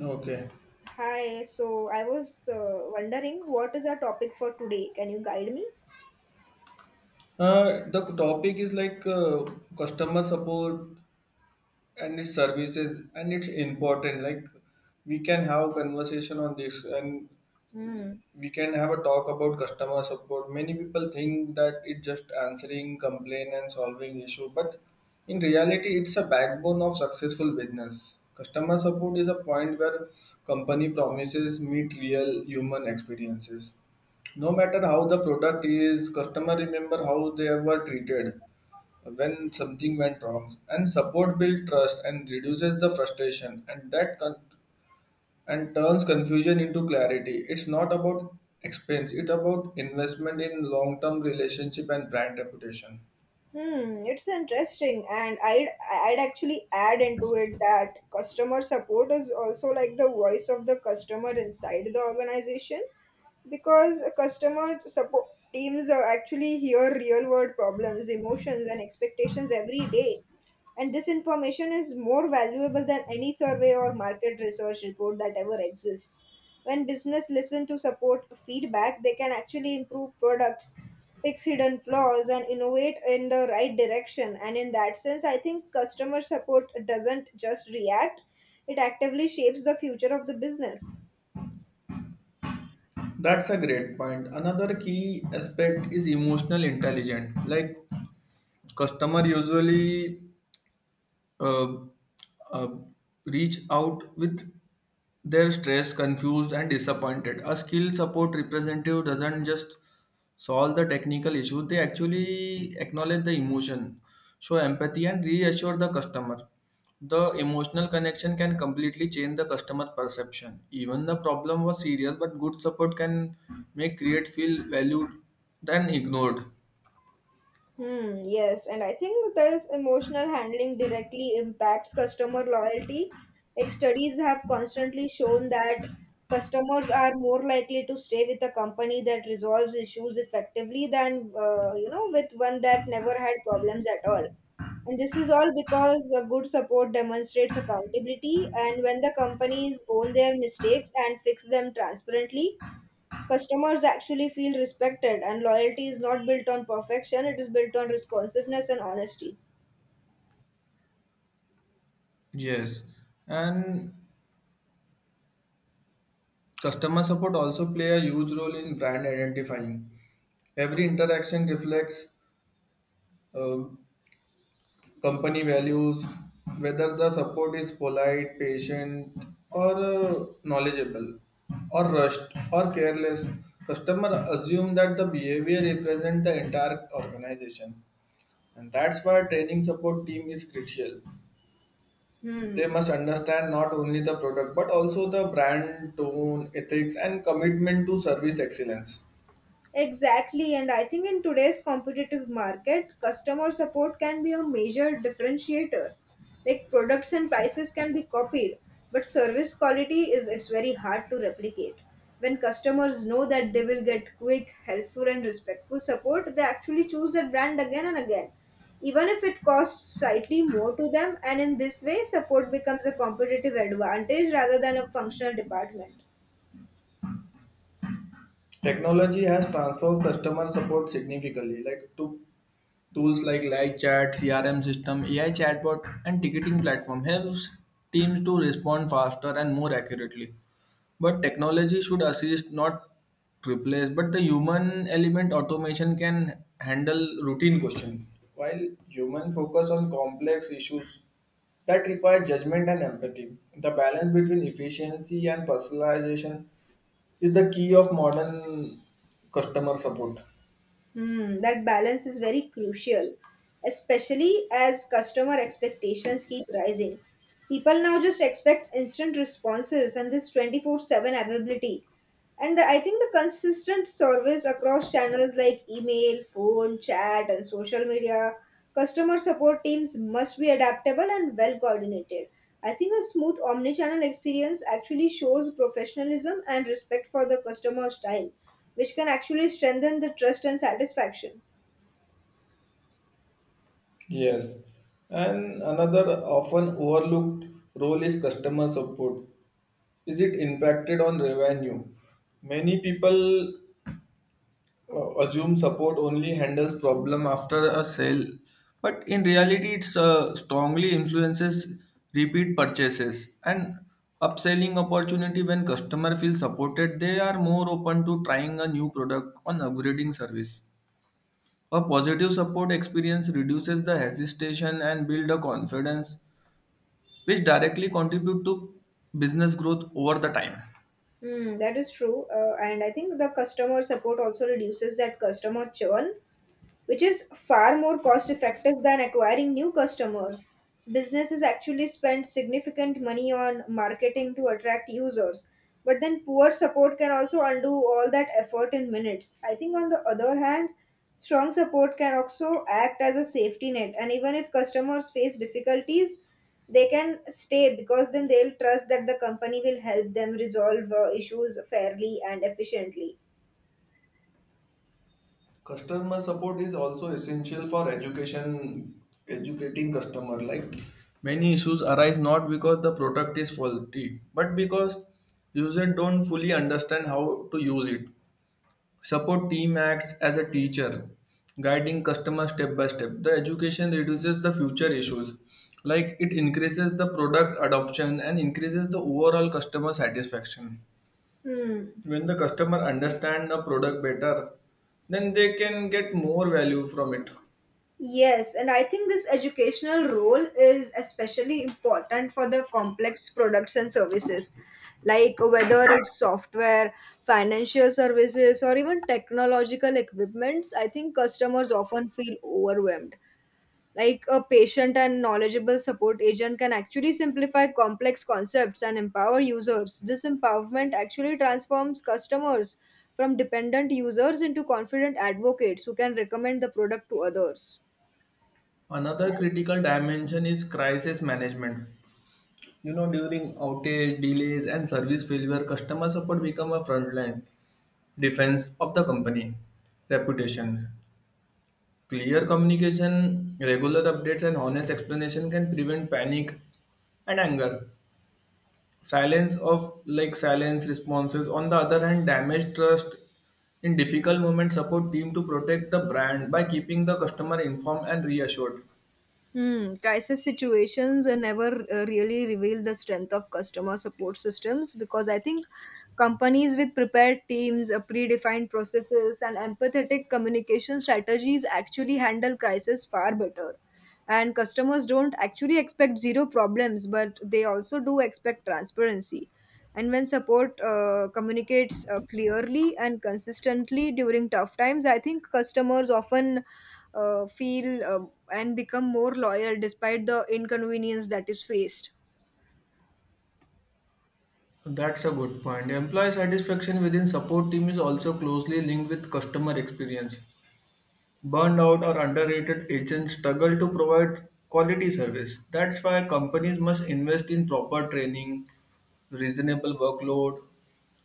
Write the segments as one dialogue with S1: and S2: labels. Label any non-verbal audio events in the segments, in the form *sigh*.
S1: Okay.
S2: Hi, so I was wondering what is our topic for today? Can you guide me?
S1: The topic is like customer support and its services, and it's important. Like we can have conversation on this, and
S2: Hmm.
S1: we can have a talk about customer support. Many people think that it's just answering complaint and solving issue, but in reality, it's a backbone of successful business. Customer support is a point where company promises meet real human experiences no matter how the product is, customer remember how they were treated when something went wrong, and support builds trust and reduces the frustration, and and turns confusion into clarity. It's not about expense, it's about investment in long term relationship and brand reputation.
S2: Hmm, it's interesting, and I'd actually add into it that customer support is also like the voice of the customer inside the organization because customer support teams are actually hear real world problems, emotions, and expectations every day. And this information is more valuable than any survey or market research report that ever exists. When business listen to support feedback, they can actually improve products, fix hidden flaws, and innovate in the right direction. And in that sense, I think customer support doesn't just react, it actively shapes the future of the business.
S1: That's a great point. Another key aspect is emotional intelligence. Like customer usually uh, uh, reach out with... they're stressed, confused, and disappointed. A skilled support representative doesn't just solve the technical issue, they actually acknowledge the emotion, show empathy, and reassure the customer. The emotional connection can completely change the customer perception. Even the problem was serious, but good support can make create feel valued than ignored.
S2: Hmm, yes, and I think this emotional handling directly impacts customer loyalty. Like studies have constantly shown that customers are more likely to stay with a company that resolves issues effectively than you know with one that never had problems at all. And this is all because a good support demonstrates accountability, and when the companies own their mistakes and fix them transparently, customers actually feel respected, and loyalty is not built on perfection, it is built on responsiveness and honesty.
S1: Yes, and customer support also play a huge role in brand identifying. Every interaction reflects uh, company values, whether the support is polite, patient, or knowledgeable, or rushed, or careless. Customer assume that the behavior represent the entire organization, and that's why training support team is crucial. They
S2: Hmm.
S1: must understand not only the product but also the brand tone, ethics, and commitment to service excellence.
S2: Exactly, and I think in today's competitive market, customer support can be a major differentiator. Like products and prices can be copied, but service quality is it's very hard to replicate. When customers know that they will get quick, helpful and respectful support, they actually choose that brand again and again, even if it costs slightly more to them, and in this way support becomes a competitive advantage rather than a functional department.
S1: Technology has transformed customer support significantly. Like to Tools like live chat, CRM system, AI chatbot, and ticketing platform helps teams to respond faster and more accurately. But technology should assist, not replace. But the human element automation can handle routine questions, while human focus on complex issues that require judgment and empathy. The balance between efficiency and personalization is the key of modern customer support.
S2: Hmm, that balance is very crucial, especially as customer expectations keep rising. People now just expect instant responses and this 24/7 availability. I think the consistent service across channels like email, phone, chat, and social media, customer support teams must be adaptable and well coordinated. I think a smooth omnichannel experience actually shows professionalism and respect for the customer's time, which can actually strengthen the trust and satisfaction.
S1: Yes, and another often overlooked role is customer support. Is it impacted on revenue? Many people assume support only handles problem after a sale, but in reality, it's strongly influences repeat purchases and upselling opportunity. When customer feels supported, they are more open to trying a new product on upgrading service. A positive support experience reduces the hesitation and build a confidence which directly contribute to business growth over the time.
S2: Hmm, that is true. And I think the customer support also reduces that customer churn, which is far more cost effective than acquiring new customers. Businesses actually spend significant money on marketing to attract users, but then poor support can also undo all that effort in minutes. I think, on the other hand, strong support can also act as a safety net, and even if customers face difficulties, they can stay because then they'll trust that the company will help them resolve issues fairly and efficiently.
S1: Customer support is also essential for education, educating customer. Like many issues arise not because the product is faulty but because users don't fully understand how to use it. Support team acts as a teacher, guiding customers step by step. The education reduces the future issues, like it increases the product adoption and increases the overall customer satisfaction.
S2: Hmm.
S1: When the customer understand a product better, then they can get more value from it.
S2: Yes, and I think this educational role is especially important for the complex products and services, like whether it's software, financial services, or even technological equipments. I think customers often feel overwhelmed. Like a patient and knowledgeable support agent can actually simplify complex concepts and empower users. This empowerment actually transforms customers from dependent users into confident advocates who can recommend the product to others.
S1: Another critical dimension is crisis management. You know, during outage, delays, and service failure, customer support become a frontline defense of the company reputation. Clear communication, regular updates, and honest explanation can prevent panic and anger. Silence of like silence responses, on the other hand, damage trust in difficult moments. Support team to protect the brand by keeping the customer informed and reassured.
S2: Hmm. Crisis situations never really reveal the strength of customer support systems because I think companies with prepared teams, predefined processes, and empathetic communication strategies actually handle crisis far better. And customers don't actually expect zero problems, but they also do expect transparency. And when support communicates clearly and consistently during tough times, I think customers often feel and become more loyal despite the inconvenience that is faced.
S1: That's a good point. Employee satisfaction within support team is also closely linked with customer experience. Burned out or underrated agents struggle to provide quality service. That's why companies must invest in proper training, reasonable workload,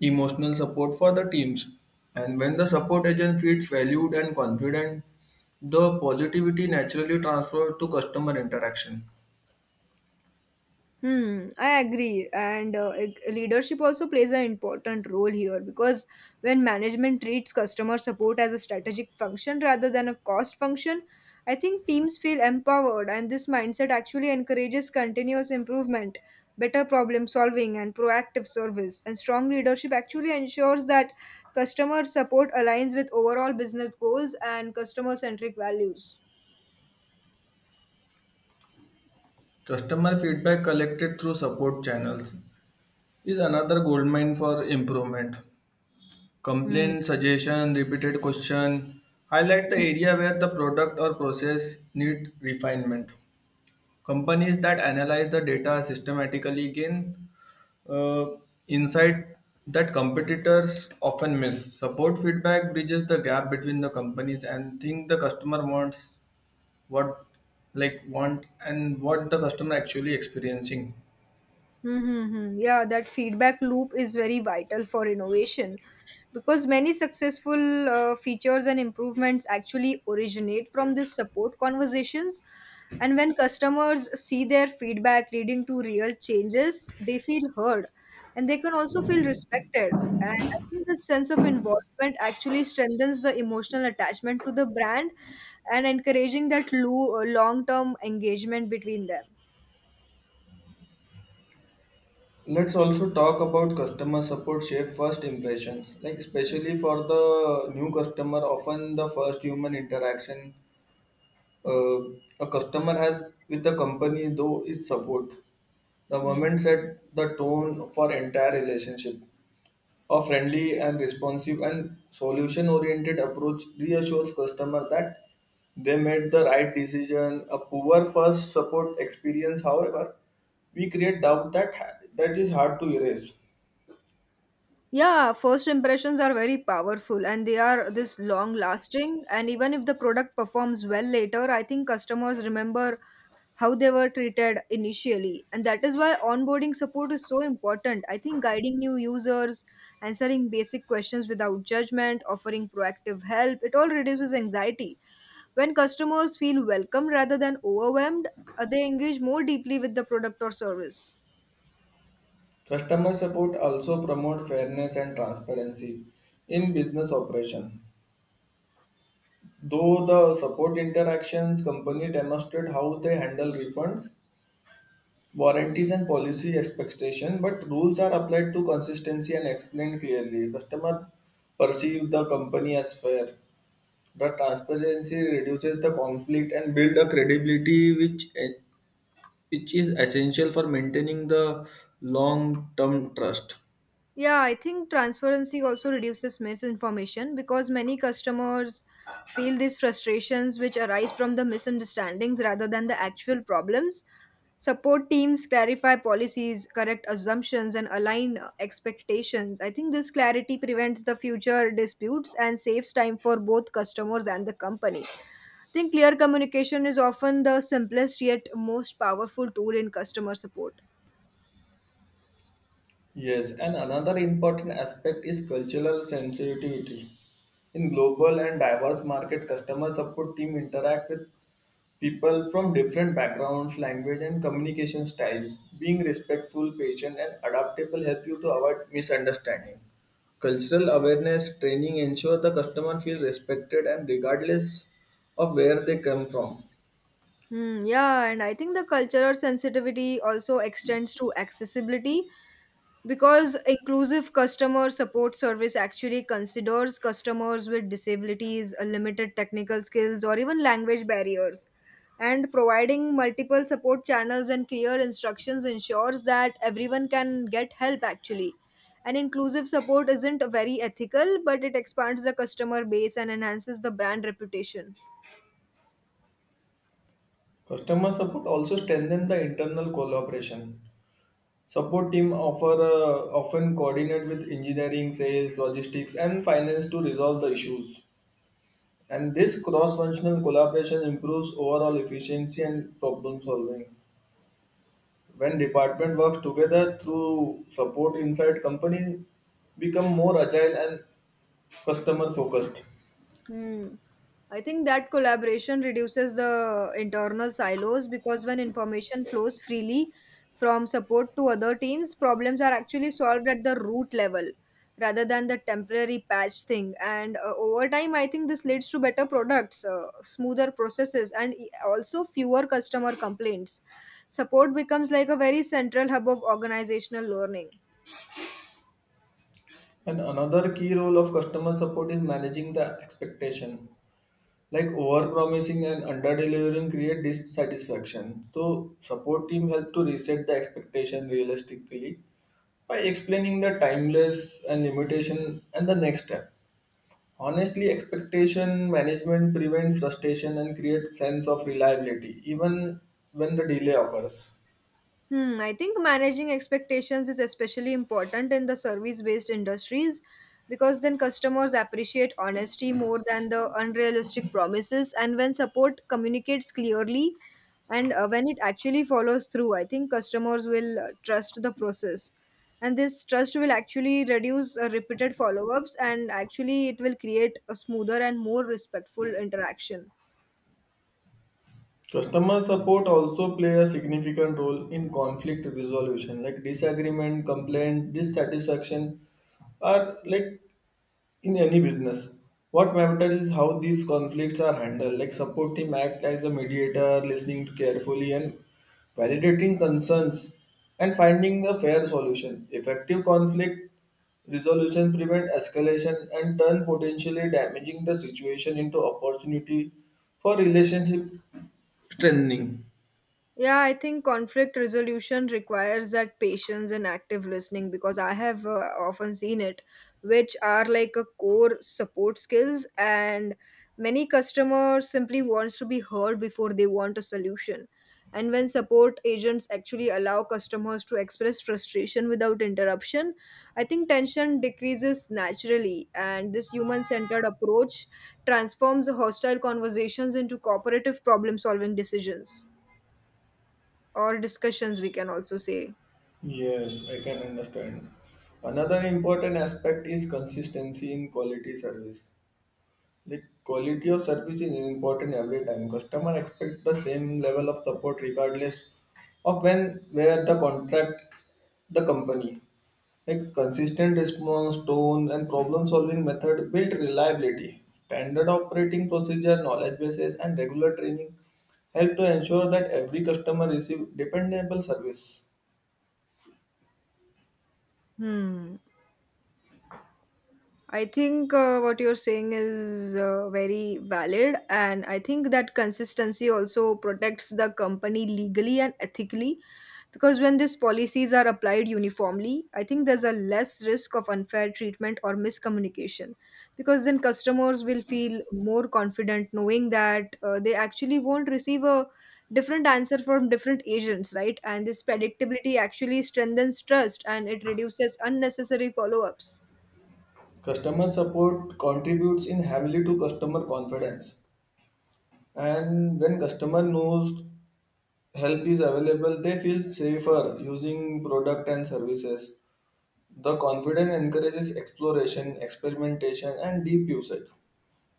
S1: emotional support for the teams. And when the support agent feels valued and confident, the positivity naturally transfers to customer interaction.
S2: Hmm, I agree. And leadership also plays an important role here because when management treats customer support as a strategic function rather than a cost function, I think teams feel empowered, and this mindset actually encourages continuous improvement, better problem solving, and proactive service. And strong leadership actually ensures that customer support aligns with overall business goals and customer centric values.
S1: Customer feedback collected through support channels is another goldmine for improvement.
S2: Hmm.
S1: Complaint, suggestion, repeated question highlight the area where the product or process need refinement. Companies that analyze the data systematically gain uh, insight that competitors often miss. Support feedback bridges the gap between the companies and think the customer wants, what like want and what the customer actually experiencing.
S2: Mm-hmm. Yeah, that feedback loop is very vital for innovation because many successful features and improvements actually originate from this support conversations. And when customers see their feedback leading to real changes, they feel heard and they can also feel respected. And I think the sense of involvement actually strengthens the emotional attachment to the brand and encouraging that long term engagement between them.
S1: Let's also talk about customer support shape first impressions. Like
S2: Yeah.
S1: especially for the new customer, often the first human interaction uh, a customer has with the company though is support. The moment set the tone for entire relationship. A friendly and responsive and solution oriented approach reassures customer that they made the right decision. A poor first support experience, however, we create doubt that is hard to erase.
S2: Yeah, first impressions are very powerful and they are this long lasting. And even if the product performs well later, I think customers remember how they were treated initially. And that is why onboarding support is so important. I think guiding new users, answering basic questions without judgment, offering proactive help, it all reduces anxiety. When customers feel welcome rather than overwhelmed, they engage more deeply with the product or service.
S1: Customer support also promote fairness and transparency in business operation. Though the support interactions company demonstrate how they handle refunds, warranties, and policy expectation, but rules are applied to consistency and explained clearly, customer perceive the company as fair. The transparency reduces the conflict and build a credibility which is essential for maintaining the long term trust.
S2: Yeah, I think transparency also reduces misinformation because many customers feel these frustrations which arise from the misunderstandings rather than the actual problems. Support teams clarify policies, correct assumptions, and align expectations. I think this clarity prevents the future disputes and saves time for both customers and the company. I think clear communication is often the simplest yet most powerful tool in customer support.
S1: Yes, and another important aspect is cultural sensitivity in global and diverse market. Customer support team interact with people from different backgrounds, language, and communication style. Being respectful, patient, and adaptable help you to avoid misunderstanding. Cultural awareness training ensure the customer feel respected and regardless of where they come from.
S2: Hmm, yeah, and I think the cultural sensitivity also extends to accessibility because inclusive customer support service actually considers customers with disabilities, limited technical skills, or even language barriers. And providing multiple support channels and clear instructions ensures that everyone can get help actually. And inclusive support isn't very ethical, but it expands the customer base and enhances the brand reputation.
S1: Customer support also strengthen the internal collaboration. Support team offer, often coordinate with engineering, sales, logistics, and finance to resolve the issues. And this cross functional collaboration improves overall efficiency and problem solving. When department works together through support inside, company become more agile and customer focused.
S2: Hmm. I think that collaboration reduces the internal silos because when information flows freely from support to other teams, problems are actually solved at the root level rather than the temporary patch thing. And over time, I think this leads to better products, smoother processes, and also fewer customer complaints. Support becomes like a very central hub of organizational learning.
S1: And another key role of customer support is managing the expectation. Like over promising and under delivering create dissatisfaction. So support team help to reset the expectation realistically by explaining the timeless and limitation and the next step. Honestly, expectation management prevents frustration and creates sense of reliability even when the delay occurs.
S2: Hmm, I think managing expectations is especially important in the service based industries because then customers appreciate honesty more than the unrealistic promises. And when support communicates clearly and when it actually follows through, I think customers will trust the process. And this trust will actually reduce repeated follow ups and actually it will create a smoother and more respectful interaction.
S1: Customer support also play a significant role in conflict resolution. Like disagreement, complaint, dissatisfaction are like in any business. What matters is how these conflicts are handled. Like support team act as a mediator, listening carefully and validating concerns and finding a fair solution. Effective conflict resolution prevent escalation and turn potentially damaging the situation into opportunity for relationship strengthening.
S2: Yeah, I think conflict resolution requires that patience and active listening because I have often seen it, which are like a core support skills and many customers simply wants to be heard before they want a solution. And when support agents actually allow customers to express frustration without interruption, I think tension decreases naturally and this human-centered approach transforms hostile conversations into cooperative problem-solving decisions or discussions we can also say.
S1: Yes, I can understand. Another important aspect is consistency in quality service. Like quality of service is important every time. Customer expect the same level of support regardless of when where the contract the company. Like consistent response, tone, and problem solving method build reliability. Standard operating procedure, knowledge bases, and regular training help to ensure that every customer receive dependable service.
S2: Hmm. I think what you're saying is very valid, and I think that consistency also protects the company legally and ethically. Because when these policies are applied uniformly, I think there's a less risk of unfair treatment or miscommunication. Because then customers will feel more confident knowing that they actually won't receive a different answer from different agents, right? And this predictability actually strengthens trust and it reduces unnecessary follow ups.
S1: Customer support contributes in heavily to customer confidence. And when customer knows help is available, they feel safer using product and services. The confidence encourages exploration, experimentation, and deep usage.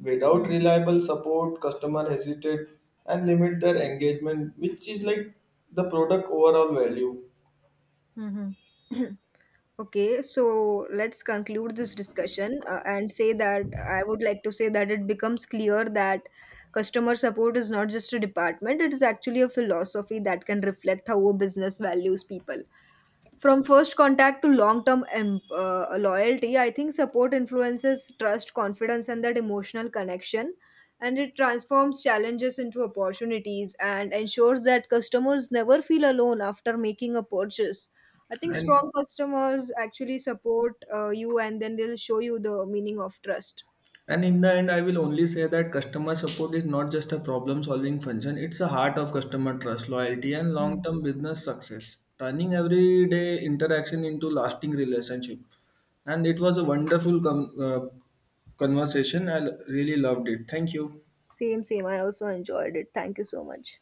S1: Without reliable support, customer hesitate and limit their engagement, which is like the product overall value.
S2: Hmm. *clears throat* Okay, so let's conclude this discussion and say that I would like to say that it becomes clear that customer support is not just a department, it is actually a philosophy that can reflect how a business values people. From first contact to long term loyalty, I think support influences trust, confidence, and that emotional connection, and it transforms challenges into opportunities and ensures that customers never feel alone after making a purchase. I think
S1: And
S2: strong customers actually support you and then they'll show you the meaning of trust.
S1: and in the end, I will only say that customer support is not just a problem solving function, it's a heart of customer trust, loyalty, and long term business success, turning everyday interaction into lasting relationship. And it was a wonderful conversation. I really loved it. Thank you.
S2: Same, I also enjoyed it. Thank you so much.